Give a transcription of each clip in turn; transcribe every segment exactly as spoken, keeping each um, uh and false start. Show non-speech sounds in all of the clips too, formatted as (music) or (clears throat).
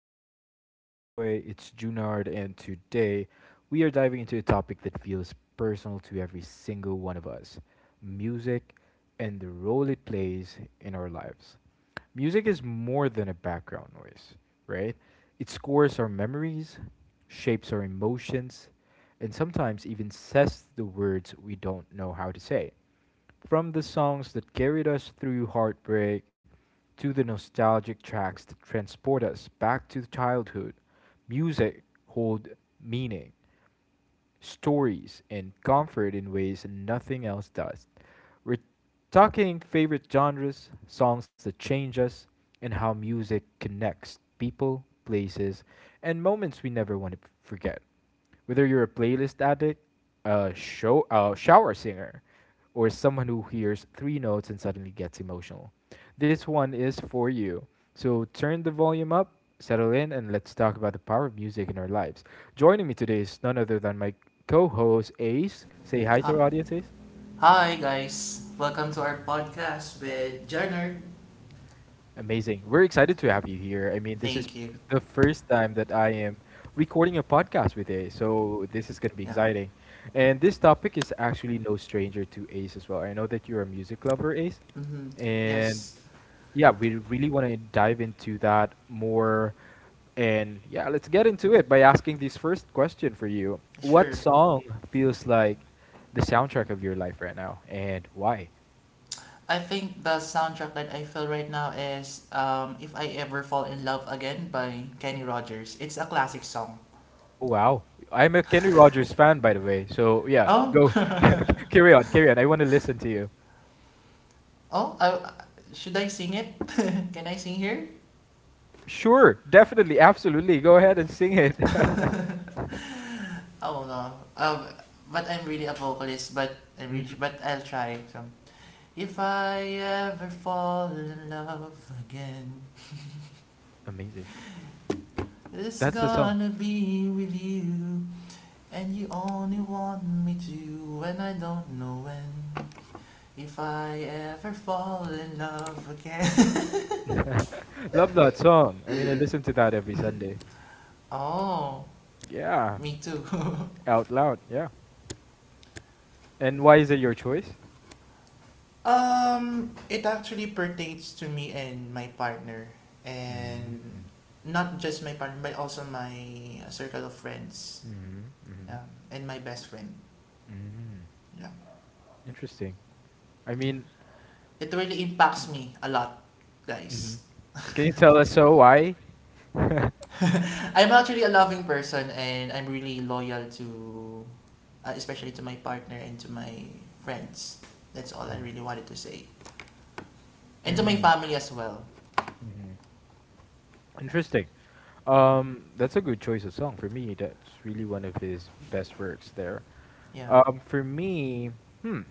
again your boy. It's Junard, and today we are diving into a topic that feels personal to every single one of us: music and the role it plays in our lives. Music is more than a background noise, right? It scores our memories, shapes our emotions, and sometimes even says the words we don't know how to say. From the songs that carried us through heartbreak to the nostalgic tracks that transport us back to childhood, music holds meaning, stories, and comfort in ways nothing else does. We're talking favorite genres, songs that change us, and how music connects people, places, and moments we never want to forget. Whether you're a playlist addict, a show, a shower singer, or someone who hears three notes and suddenly gets emotional. This one is for you. So turn the volume up, settle in, and let's talk about the power of music in our lives. Joining me today is none other than my co host, Ace. Say hi to Uh, our audience, Ace. Hi guys, welcome to our podcast with Jenner. Amazing. We're excited to have you here. I mean, this is Thank you. the first time that I am recording a podcast with Ace, so this is going to be Yeah. exciting. And this topic is actually no stranger to Ace as well. I know that you're a music lover, Ace, Mm-hmm. and Yes, yeah, we really want to dive into that more. And yeah, let's get into it by asking this first question for you. What sure. song feels like the soundtrack of your life right now and why? I think the soundtrack that I feel right now is um, "If I Ever Fall in Love Again" by Kenny Rogers. It's a classic song. Oh, wow. I'm a Kenny Rogers fan, by the way. So yeah, Oh, go (laughs) carry on, carry on. I want to listen to you. oh, I, should I sing it? (laughs) Can I sing here? Sure, sure, definitely, absolutely. Go ahead and sing it. (laughs) Oh no. Um, but I'm really a vocalist, but I'm really, Mhm. but I'll try some. If I ever fall in love again, Amazing. it's That's the song. gonna be with you, and you only want me to, and I don't know when. If I ever fall in love again. (laughs) Love that song. I mean, I listen to that every Sunday. (laughs) Oh, Yeah. me too. (laughs) Out loud, yeah. And why is it your choice? Um, it actually pertains to me and my partner, and Mm-hmm. not just my partner, but also my circle of friends, Mm-hmm. Mm-hmm. yeah, and my best friend. Mm-hmm. Yeah, Interesting. I mean, it really impacts me a lot, hmm, guys. can you tell us so why? (laughs) Hmm. (laughs) I'm actually a loving person and I'm really loyal to, uh, especially to my partner and to my friends. That's all I really wanted to say. And to my Mm-hmm. family as well. Yeah. Interesting. Um, that's a good choice of song for me. That's really one of his best works there. Yeah. Um, for me, hmm,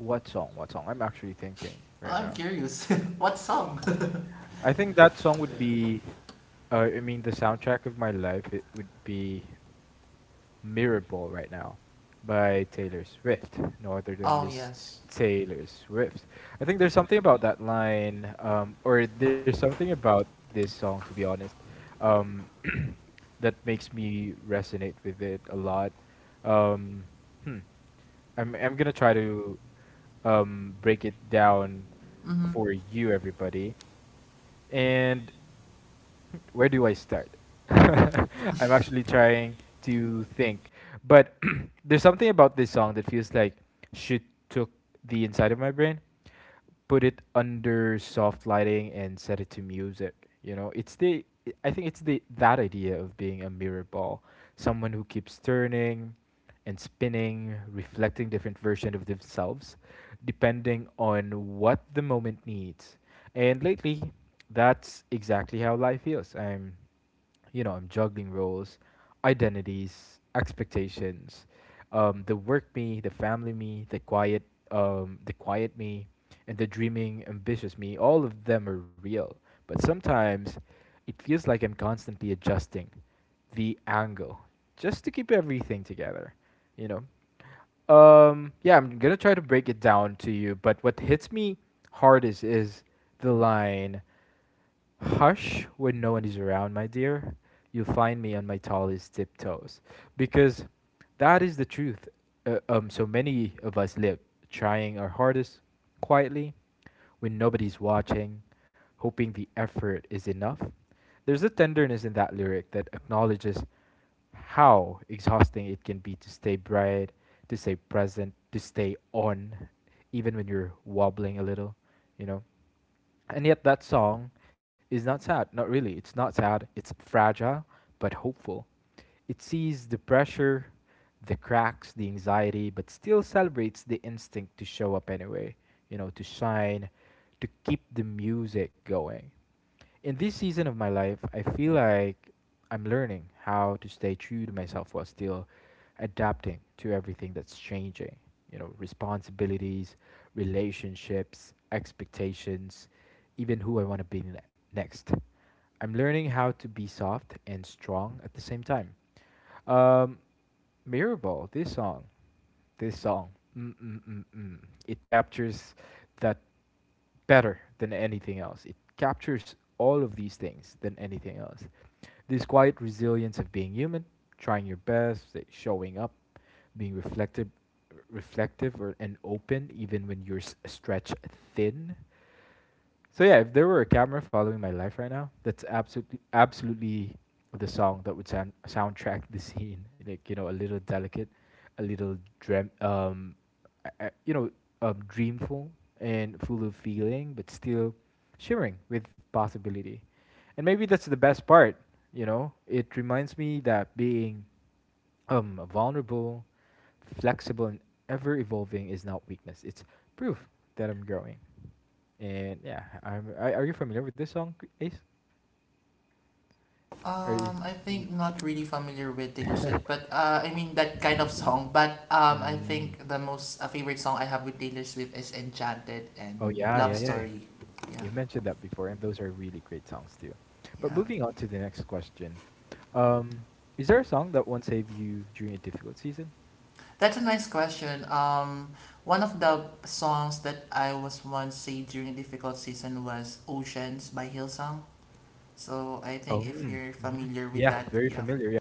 what song? What song? I'm actually thinking Oh, right I'm now. curious. (laughs) What song? I think that song would be Uh, I mean, the soundtrack of my life it would be Mirrorball right now by Taylor Swift, no other (laughs) than Oh, Miss yes. Taylor Swift. I think there's something about that line, um, or there's something about this song, to be honest, um, that makes me resonate with it a lot. Um, hmm. I'm I'm gonna try to um, break it down Hmm. for you, everybody, and. (laughs) Where do I start? (laughs) I'm actually trying to think. But (clears throat) there's something about this song that feels like she took the inside of my brain, put it under soft lighting and set it to music. You know, it's the i- I think it's the that idea of being a mirror ball, someone who keeps turning and spinning, reflecting different versions of themselves, depending on what the moment needs. And lately, that's exactly how life feels. I'm, you know, I'm juggling roles, identities, expectations, um, the work me, the family me, the quiet, um, the quiet me, and the dreaming, ambitious me, all of them are real. But sometimes it feels like I'm constantly adjusting the angle just to keep everything together, you know? Um, yeah, I'm gonna try to break it down to you, but what hits me hardest is the line, "Hush when no one is around, my dear. You'll find me on my tallest tiptoes." Because that is the truth. Uh, um, so many of us live trying our hardest quietly when nobody's watching, hoping the effort is enough. There's a tenderness in that lyric that acknowledges how exhausting it can be to stay bright, to stay present, to stay on, even when you're wobbling a little, you know. And yet that song is not sad. Not really. It's not sad. It's fragile but hopeful. It sees the pressure, the cracks, the anxiety, but still celebrates the instinct to show up anyway, you know, to shine, to keep the music going. In this season of my life, I feel like I'm learning how to stay true to myself while still adapting to everything that's changing. You know, responsibilities, relationships, expectations, even who I want to be ne- next. I'm learning how to be soft and strong at the same time. Um, Mirrorball, this song, this song, mm, mm, mm, mm, it captures that better than anything else. It captures all of these things than anything else. This quiet resilience of being human, trying your best, eh, showing up, being reflective, reflective or, and open even when you're s- stretched thin, so yeah, if there were a camera following my life right now, that's absolutely absolutely the song that would sound soundtrack the scene. Like you know, a little delicate, a little dream, um, I- I- you know, um, dreamful and full of feeling, but still shimmering with possibility. And maybe that's the best part. You know, it reminds me that being um vulnerable, flexible, and ever evolving is not weakness. It's proof that I'm growing. And yeah, I'm, are are you familiar with this song, Ace? Are you? Um, I N- think not really familiar with Taylor Swift, but (laughs) uh, I mean that kind of song. But um, I Mm. think the most uh, favorite song I have with Taylor Swift is Enchanted Oh and yeah, yeah, Love yeah, yeah. Story. Yeah, You mentioned that before, and those are really great songs too. But yeah. moving on to the next question, um, is there a song that once saved you during a difficult season? That's a nice question. Um, one of the songs that I was once saved during a difficult season was Oceans by Hillsong. So I Oh, think if mm, you're mhm, familiar with yeah, that, very yeah, familiar. Yeah,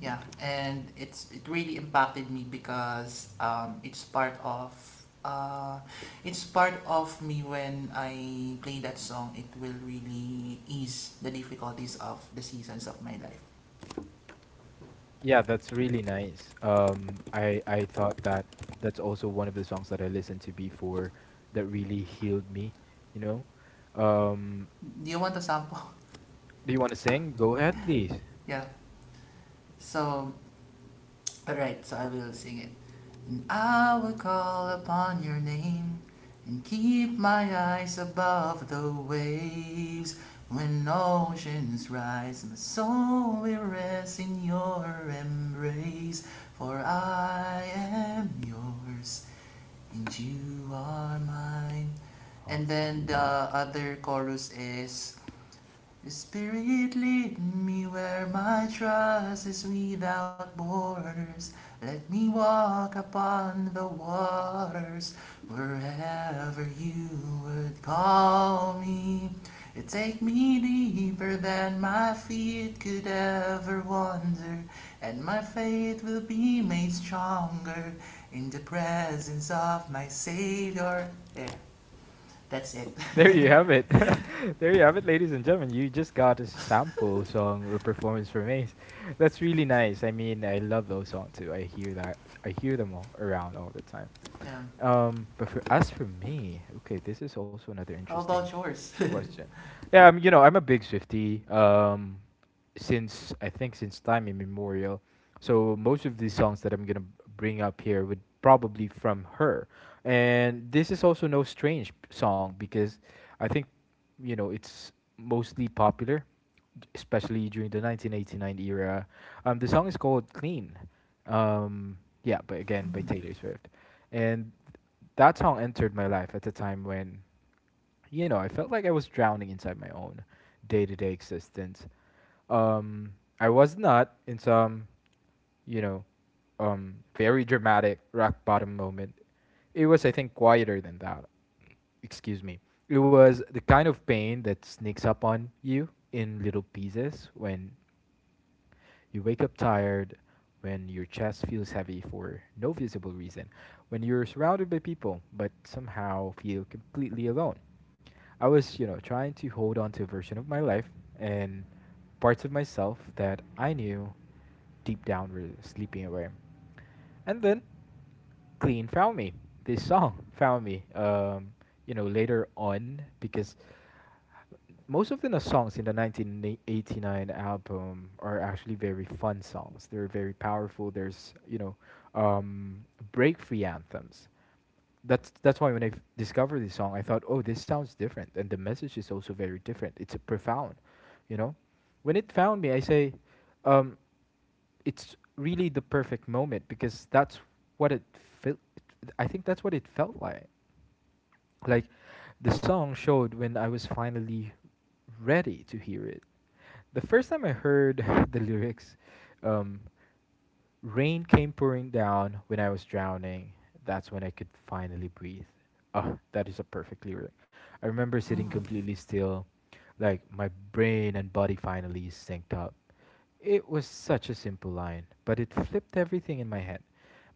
yeah, and it's it really impacted me because um, it's part of uh, it's part of me when I play that song. It will really ease the difficulties of the seasons of my life. yeah, that's really nice. Um, I I thought that that's also one of the songs that I listened to before that really healed me. You know, um, Do you want a sample? do you want to sing? Go ahead, please. (laughs) Yeah. So all right. So I will sing it. And I will call upon your name and keep my eyes above the waves. When oceans rise, my soul will rest in your embrace. For I am yours and you are mine. And then Awesome. the other chorus is, his spirit lead me where my trust is without borders. Let me walk upon the waters wherever you would call me. It take me deeper than my feet could ever wander, and my faith will be made stronger in the presence of my Savior. There, that's it. (laughs) There you have it. (laughs) There you have it, ladies and gentlemen. You just got a sample song or performance from Ace. That's really nice. I mean, I love those songs too. I hear that. I hear them all around all the time. Um, Um, but for as for me, okay, this is also another how interesting about yours? (laughs) question. Yeah, I'm. You know, I'm a big Swiftie. Um, since I think since time immemorial. So most of these songs that I'm gonna b- bring up here would probably from her, and this is also no strange p- song because I think you know it's mostly popular, d- especially during the nineteen eighty-nine era. Um, the song is called "Clean." Um, yeah, but again by Taylor Swift, and that song entered my life at the time when you know, I felt like I was drowning inside my own day to day existence. Um, I was not in some, you know, um, very dramatic rock bottom moment. It was, I think, quieter than that. Excuse me. It was the kind of pain that sneaks up on you in little pieces when you wake up tired, when your chest feels heavy for no visible reason, when you're surrounded by people but somehow feel completely alone. I was, you know, trying to hold on to a version of my life and parts of myself that I knew deep down were sleeping away. And then Clean found me. This song found me. Um, you know, later on because most of the na- songs in the nineteen eighty-nine album are actually very fun songs. They're very powerful. There's you know, um, break free anthems. That's that's why when I f- discovered this song, I thought, oh, this sounds different, and the message is also very different. It's profound, you know. When it found me, I say, um, it's really the perfect moment because that's what it felt. I think that's what it felt like. Like the song showed when I was finally ready to hear it. The first time I heard (laughs) the lyrics, um, rain came pouring down when I was drowning. That's when I could finally breathe. Oh, that is a perfect lyric. I remember sitting Mm, completely still, like my brain and body finally synced up. It was such a simple line, but it flipped everything in my head.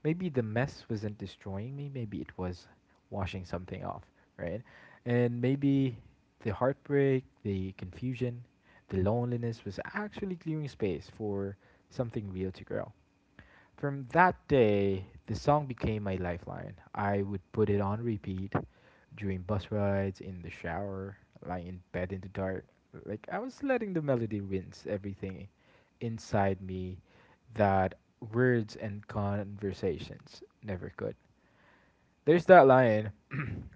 Maybe the mess wasn't destroying me, maybe it was washing something off, right? And maybe the heartbreak, the confusion, the loneliness was actually clearing space for something real to grow. From that day, the song became my lifeline. I would put it on repeat during bus rides, in the shower, lying in bed in the dark. Like I was letting the melody rinse everything inside me that words and conversations never could. There's that line,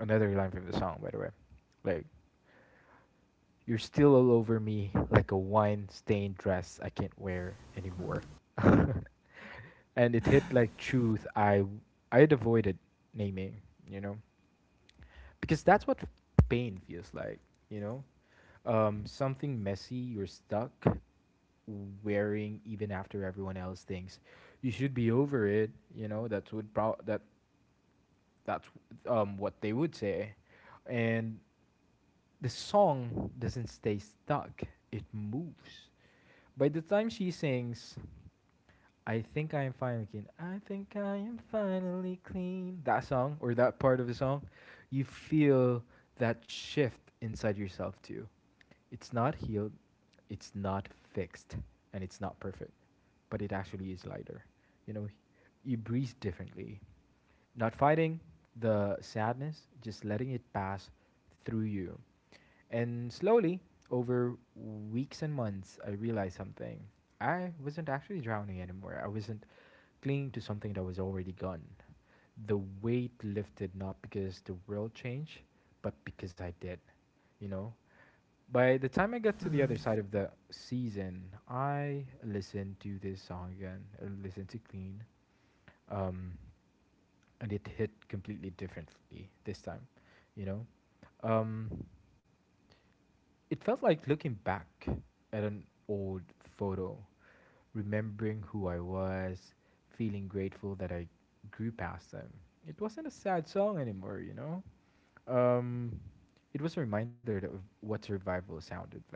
another line from the song, by the way. Like, you're still all over me like a wine stained dress I can't wear anymore. (laughs) And it hit like truth I I'd avoided naming, you know, because that's what pain feels like, you know, um, something messy you're stuck wearing even after everyone else thinks you should be over it, you know. That's what pro- that that's um what they would say, and the song doesn't stay stuck; it moves. By the time she sings, I think I am finally clean. I think I am finally clean. That song or that part of the song, you feel that shift inside yourself too. It's not healed, it's not fixed, and it's not perfect, but it actually is lighter. You know, you breathe differently. Not fighting the sadness, just letting it pass through you. And slowly, over weeks and months, I realized something. I wasn't actually drowning anymore. I wasn't clinging to something that was already gone. The weight lifted not because the world changed, but because I did, you know? By the time I got to the mm. other side of the season, I listened to this song again, I listened to Clean, um, and it hit completely differently this time, you know? Um, it felt like looking back at an old photo remembering who I was, feeling grateful that I grew past them. It wasn't a sad song anymore, you know? Um, it was a reminder that of what survival sounded like.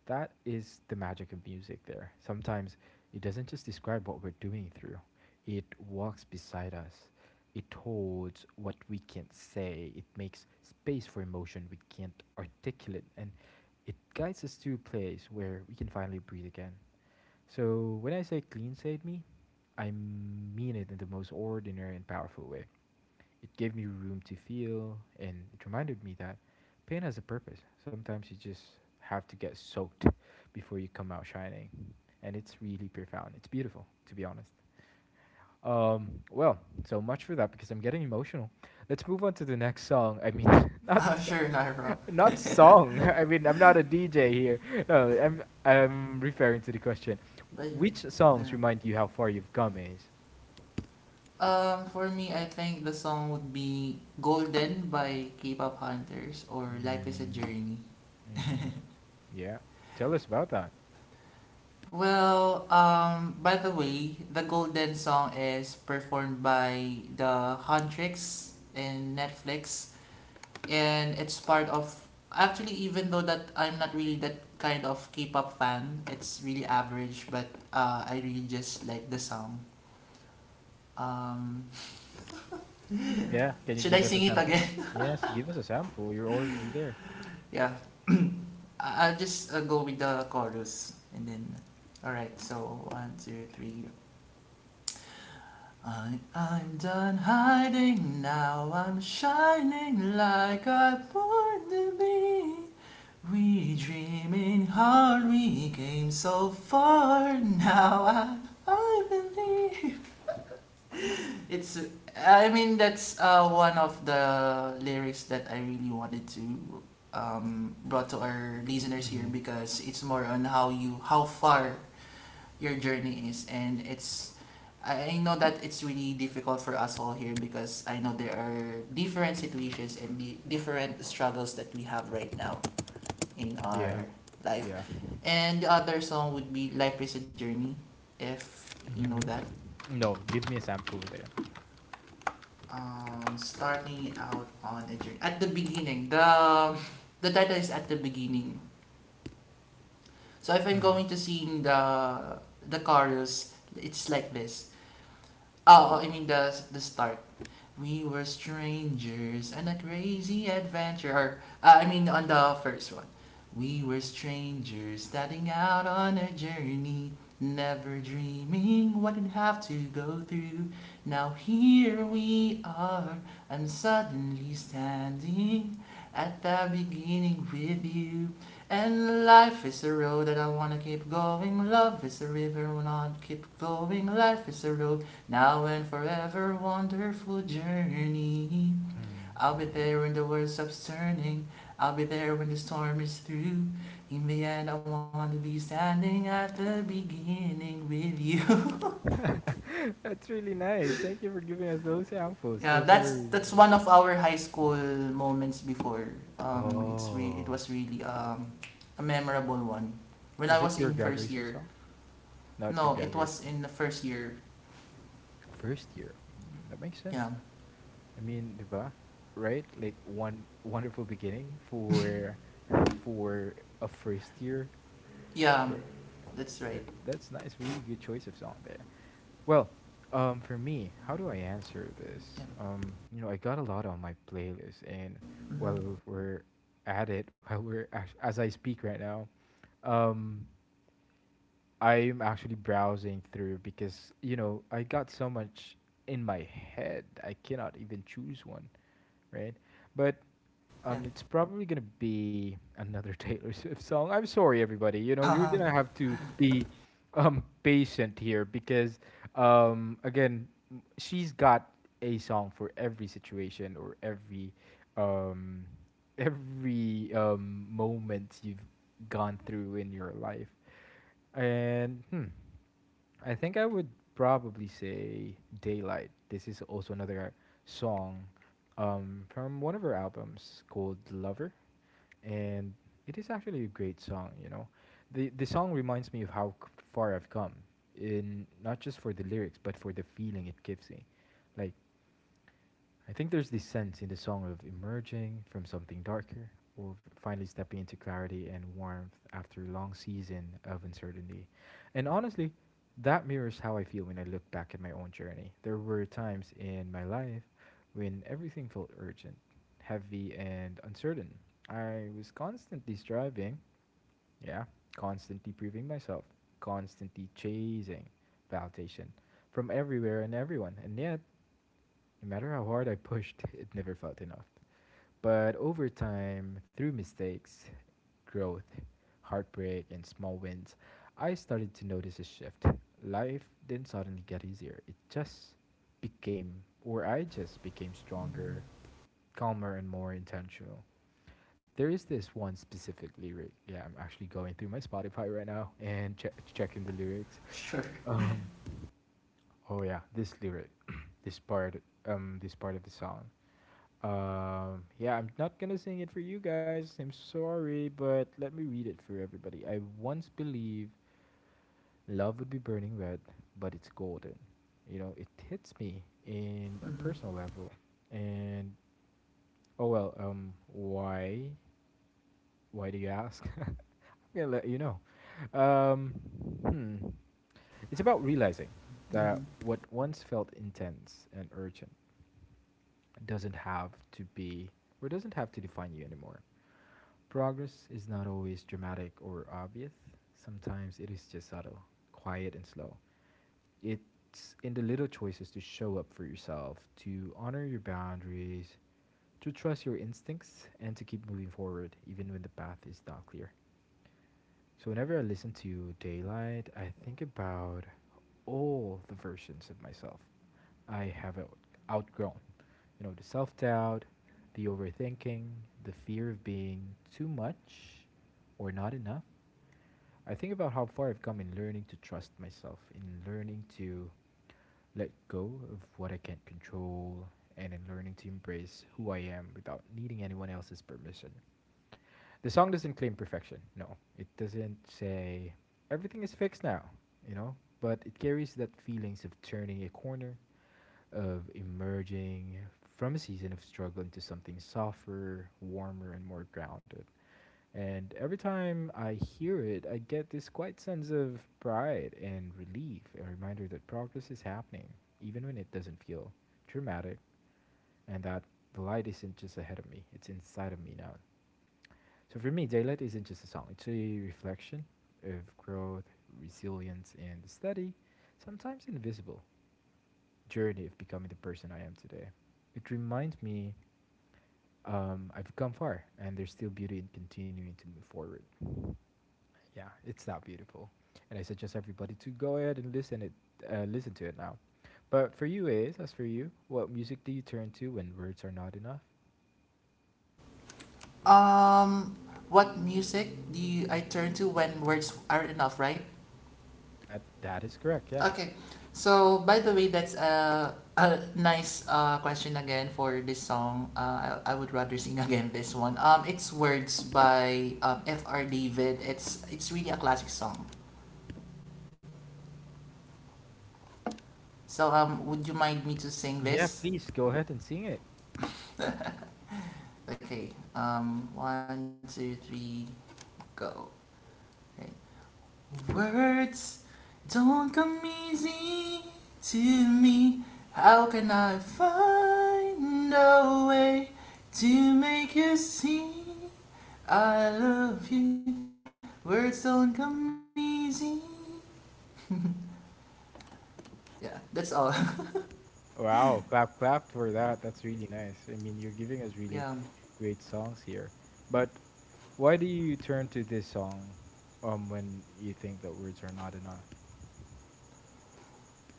That is the magic of music there. Sometimes it doesn't just describe what we're doing through, it walks beside us. It holds what we can't say. It makes space for emotion we can't articulate. And it guides us to a place where we can finally breathe again. So, when I say clean saved me, I mean it in the most ordinary and powerful way. It gave me room to feel, and it reminded me that pain has a purpose. Sometimes you just have to get soaked before you come out shining. And it's really profound. It's beautiful, to be honest. Um, well, so much for that because I'm getting emotional. Let's move on to the next song. I mean, (laughs) Oh, not sure, Nairo. not song. (laughs) I mean, I'm not a D J here. No, I'm I'm referring to the question. But, Which yeah. songs remind you how far you've come is? Um, for me, I think the song would be Golden by K-pop Hunters or Life is a Mm-hmm. Journey. Yeah. Tell us about that. Well, um, by the way, the Golden song is performed by the Huntrix in Netflix and it's part of, actually even though that I'm not really that kind of K-pop fan, it's really average but uh, I really just like the song. Um, Yeah. Can you should I give us a sing it sample? again? Yes, give us a sample. You're already there. (laughs) Yeah. I- I'll just uh, go with the chorus and then. Alright, so one, two, three. I, I'm done hiding now, I'm shining like I born to be. We dreaming hard, we came so far, now I, I believe. It's. Uh, I mean, that's uh, one of the lyrics that I really wanted to um, brought to our listeners Hmm. here because it's more on how you how far your journey is and it's. I I know that it's really difficult for us all here because I know there are different situations and the different struggles that we have right now in Yeah. our life. Yeah. And the other song would be Life is a Journey, if you know Hmm. that. No, give me a sample then. Um, starting out on a journey at the beginning, the the title is at the beginning, so if I'm Hmm. going to sing the the chorus it's like this. Ah, oh I mean the the start. We were strangers and a crazy adventure. Or, uh, I mean, on the first one. We were strangers starting out on a journey, never dreaming what we'd have to go through. Now here we are, I'm suddenly standing at the beginning with you. And life is a road that I wanna keep going. Love is a river, I wanna keep going. Life is a road now and forever, wonderful journey. I'll be there when the world stops turning. I'll be there when the storm is through. In the end, I want to be standing at the beginning with you. (laughs) (laughs) That's really nice. Thank you for giving us those samples. Yeah, Those are really that's that's nice. one of our high school moments before. Um, it's re- it Oh. was really um, a memorable one. When I Is it was your in first graduation year, song? Not your no, it graduation. was in the first year. First year. Mm, that makes Yeah, sense. I mean, di ba? Right? Like one wonderful beginning for for a first year. yeah, Right. that's That, right. that's nice. Really good choice of song there. Well, um, for me, how do I answer this? Yeah, Um, you know, I got a lot on my playlist, and hmm, while we're at it, (laughs) while we're act- as I speak right now, um, I'm actually browsing through because you know I got so much in my head. I cannot even choose one. Right? But yeah. um, it's probably gonna be another (laughs) Taylor Swift song. I'm sorry, everybody. You know, you're gonna have to be um patient here because um again, m- she's got a song for every situation or every um every um moment you've gone through in your life. And hmm, I think I would probably say Daylight. This is also another song um, from one of her albums called Lover, and it is actually a great song. You know, the the song reminds me of how c- far I've come in not just for the lyrics but for the feeling it gives me. Like I think there's this sense in the song of emerging from something darker or finally stepping into clarity and warmth after a long season of uncertainty. And honestly, that mirrors how I feel when I look back at my own journey. There were times in my life when everything felt urgent, heavy, and uncertain. I was constantly striving, yeah, constantly proving myself, constantly chasing validation from everywhere and everyone. And yet, no matter how hard I pushed, (laughs) it never felt enough. But over time, through mistakes, growth, heartbreak, and small wins, I started to notice a shift. Life didn't suddenly get easier. It just became, or I just became stronger, calmer, and more intentional. There is this one specific lyric. Yeah, I'm actually going through my Spotify right now (laughs) and che- checking the lyrics. (laughs) Sure. Um, oh yeah, this lyric, (clears throat) this part, um, this part of the song. Um, yeah, I'm not gonna sing it for you guys. I'm sorry, but let me read it for everybody. I once believed love would be burning red, but it's golden. You know, it hits me in a Mhm. personal level. And oh well, um, why? Why do you ask? (laughs) I'm gonna let you know. Um, hmm. It's about realizing that what once felt intense and urgent doesn't have to be or doesn't have to define you anymore. Progress is not always dramatic or obvious. Sometimes it is just subtle, quiet, and slow. It's in the little choices to show up for yourself, to honor your boundaries, to trust your instincts, and to keep moving forward even when the path is not clear. So whenever I listen to Daylight, I think about all the versions of myself I have out- outgrown. You know, the self doubt, the overthinking, the fear of being too much or not enough. I think about how far I've come in learning to trust myself, in learning to let go of what I can't control, and in learning to embrace who I am without needing anyone else's permission the song doesn't claim perfection. No, it doesn't say everything is fixed now, you know? But it carries that feelings of turning a corner, of emerging from a season of struggle into something softer, warmer, and more grounded. And every time I hear it, I get this quiet sense of pride and relief, a reminder that progress is happening, even when it doesn't feel dramatic, and that the light isn't just ahead of me, it's inside of me now so for me, Daylight isn't just a song, it's a reflection of growth, resilience, and the steady, sometimes invisible, journey of becoming the person I am today. It reminds me um, I've come far, and there's still beauty in continuing to move forward. Yeah, it's that beautiful. And I suggest everybody to go ahead and listen it, uh, listen to it now. But for you, Ace, as for you, what music do you turn to when words are not enough? Um, what music do you, I turn to when words are enough, right? That that is correct. Yeah. Okay. So, by the way, that's a, a nice uh, question again for this song. Uh, I, I would rather sing (laughs) again this one. Um, it's Words by um, F R. David. It's it's really a classic song. So, um, would you mind me to sing Yeah. this? Please go ahead and sing it. Okay. Um, one, two, three, go. Right. Words don't come easy to me. How can I find a way to make you see I love you? Words don't come easy. Yeah, that's all. Wow, clap clap for that. That's really nice. I mean, you're giving us (laughs) really Yeah. great songs here. But why do you turn to this song um when you think that words are not enough?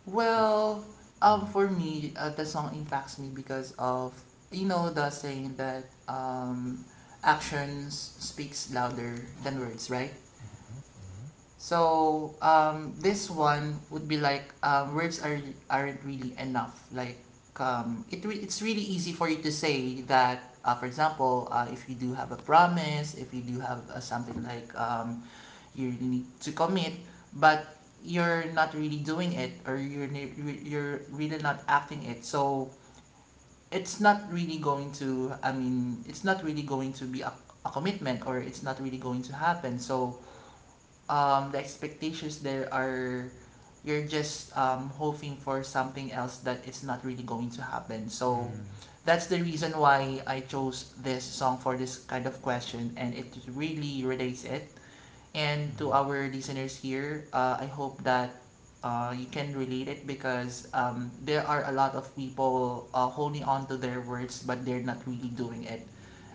Well, um, for me, uh, the song impacts me because of, you know, the saying that um, actions speaks louder than words, right? So um, this one would be like um, words are aren't really enough. Like um, it re- it's really easy for you to say that. Uh, for example, uh, if you do have a promise, if you do have uh, something like um, you really need to commit, but you're not really doing it or you're you're really not acting it. So it's not really going to. I mean, it's not really going to be a, a commitment or it's not really going to happen. So um the expectations there are you're just um hoping for something else that is not really going to happen. So Mm-hmm. that's the reason why I chose this song for this kind of question and it really relates it, and to our listeners here, uh, I hope that uh, you can relate it because um, there are a lot of people uh, holding on to their words but they're not really doing it.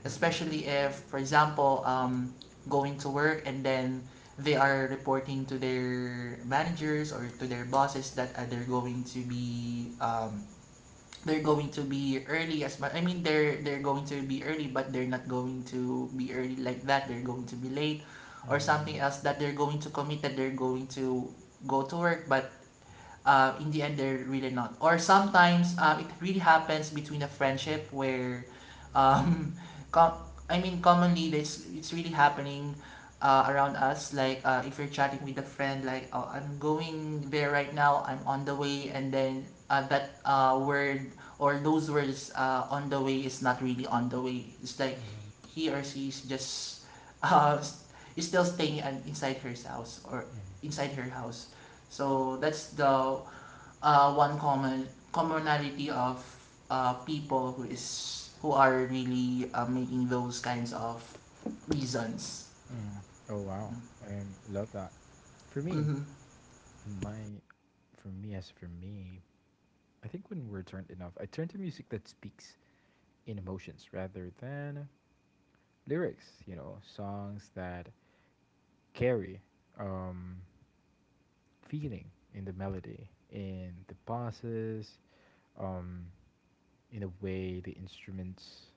Especially if, for example, um, going to work and then they are reporting to their managers or to their bosses that uh, they're going to be um, they're going to be early as much. I mean, they're they're going to be early, but they're not going to be early like that. They're going to be late, or something else that they're going to commit that they're going to go to work, but uh, in the end they're really not. Or sometimes uh, it really happens between a friendship where, um, (laughs) com- I mean, commonly this it's really happening uh, around us. Like uh, if you're chatting with a friend, like oh, I'm going there right now. I'm on the way, and then uh, that uh, word or those words uh, on the way is not really on the way. It's like he or she is just (laughs) uh, is still staying and inside her house or inside her house. So that's the uh, one common commonality of uh, people who is who are really uh, making those kinds of reasons. Oh wow. I love that. For me, Hmm. in my for me as for me, I think when words aren't enough, I turn to music that speaks in emotions rather than lyrics, you know, songs that carry um, feeling in the melody, in the passes, um, in the way the instruments,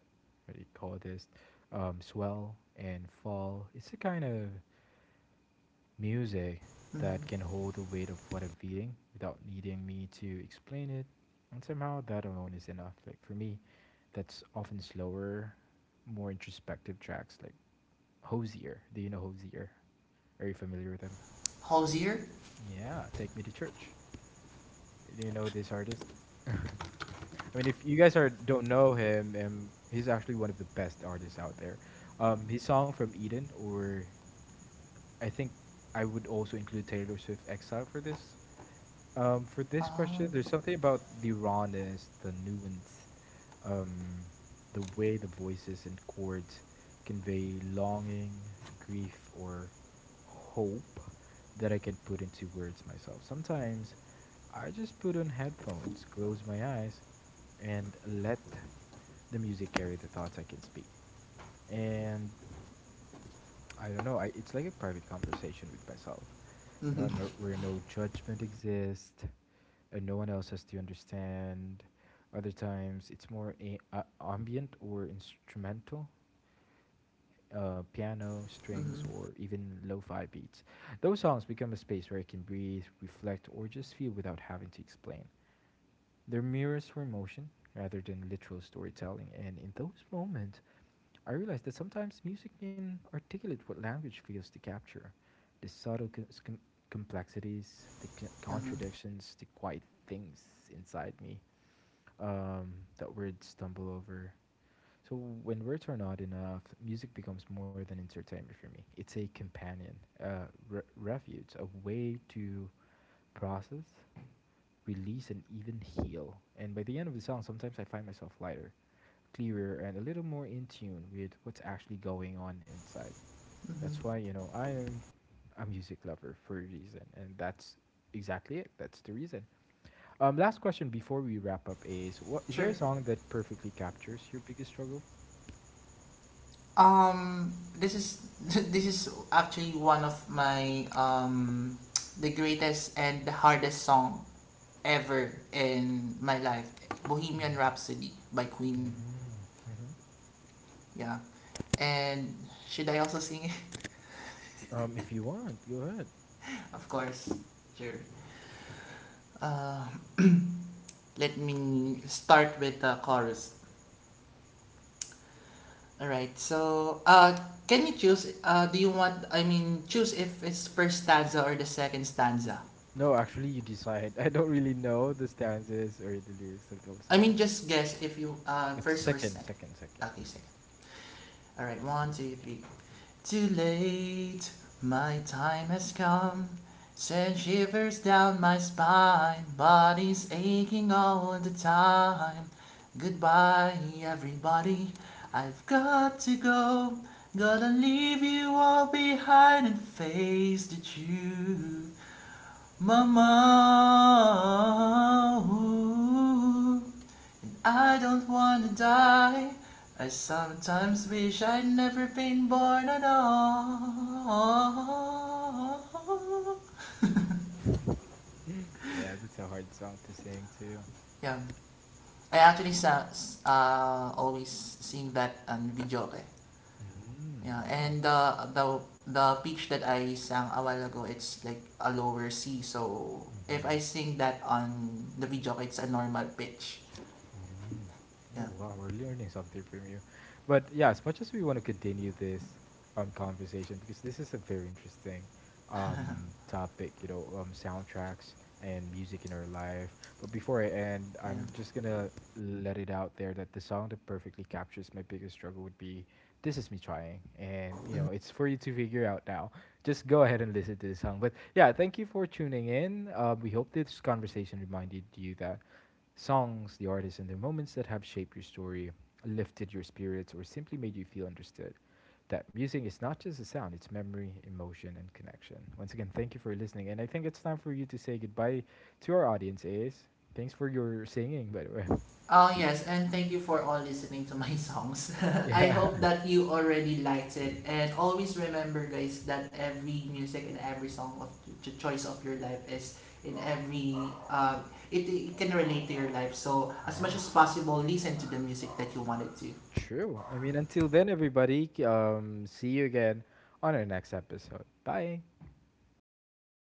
what do you call this, um, swell and fall. It's a kind of music that can Mm-hmm. hold the weight of what I'm feeling without needing me to explain it. And somehow that alone is enough. Like for me, that's often slower, more introspective tracks like Hosier. Do you know Hosier? Are you familiar with them? Halsier? Yeah, Take Me to Church. Do you know this artist? I mean, if you guys are don't know him, um, he's actually one of the best artists out there. Um, his song from Eden, or I think I would also include Taylor Swift Exile for this um, for this Uh, question, there's something about the rawness, the nuance, um, the way the voices and chords convey longing, grief, or hope that I can put into words myself. Sometimes I just put on headphones, close my eyes, and let the music carry the thoughts I can speak. And I don't know. I, it's like a private conversation with myself. You mhm, know, I'm a- where no judgment exists and no one else has to understand. Other times, it's more a, uh, ambient or instrumental, uh, piano, strings, mhm, or even lo-fi beats. Those songs become a space where I can breathe, reflect, or just feel without having to explain. They're mirrors for emotion rather than literal storytelling, and in those moments, I realized that sometimes music can articulate what language fails to capture the subtle co- s- com- complexities, the c- mhm, contradictions, the quiet things inside me um, that words stumble over. So when words are not enough, music becomes more than entertainment for me. It's a companion, a re- refuge, a way to process, release, and even heal. And by the end of the song, sometimes I find myself lighter, clearer, and a little more in tune with what's actually going on inside. That's mhm. why, you know, I am a music lover for a reason. And that's exactly it. That's the reason. Um, last question before we wrap up is what is Sure. there a song that perfectly captures your biggest struggle? Um, this is (laughs) this is actually one of my um the greatest and the hardest song ever in my life. Bohemian Mm-hmm. Rhapsody by Queen. Yeah. And should I also sing it? (laughs) Um, if you want, go ahead. Of course. Sure. Uh, Let me start with the chorus. All right. So, uh, can you choose? Uh, do you want? I mean, choose if it's first stanza or the second stanza. No, actually, you decide. (laughs) I don't really know the stanzas or the lyrics of those I mean, songs. just guess if you uh It's first or second, second. second, second. Okay, second. All right, one, two, three. Too late, my time has come. Send shivers down my spine, body's aching all the time. Goodbye, everybody, I've got to go. Gotta leave you all behind and face the truth. Mama, ooh. I don't wanna die. I sometimes wish I'd never been born at all. Yeah, that's a hard song to sing too. Yeah. I actually sa s- uh, always sing that on video eh. Mm, Yeah, wow. and the the the pitch that I sang a while ago, it's like a lower C. So if I sing that on the video, it's a normal pitch. Mm. Oh Yeah, wow, we're learning something from you. But yeah, as much as we want to continue this um conversation because this is a very interesting um topic, you know, um soundtracks and music in our life. But before I end, yeah. I'm just gonna let it out there that the song that perfectly captures my biggest struggle would be This Is Me Trying. And you know, it's for you to figure out now. Just go ahead and listen to the song. But yeah, thank you for tuning in. Uh, we hope this conversation reminded you that Songs, the artists, and the moments that have shaped your story, lifted your spirits, or simply made you feel understood. That music is not just a sound, it's memory, emotion, and connection. Once again, thank you for listening. And I think it's time for you to say goodbye to our audience, Ace. Thanks for your singing, by the way. (laughs) Oh, yes, and thank you for all listening to my (laughs) songs. (laughs) I Yeah. hope that you already liked it. And always remember, guys, that every music and every song of the choice of your life is in every, um, it, it can relate to your life. So, as much Yeah. as possible, listen to the music that you wanted to. True. I mean, until then, everybody, c- um, see you again on our next episode. Bye. Bye bye.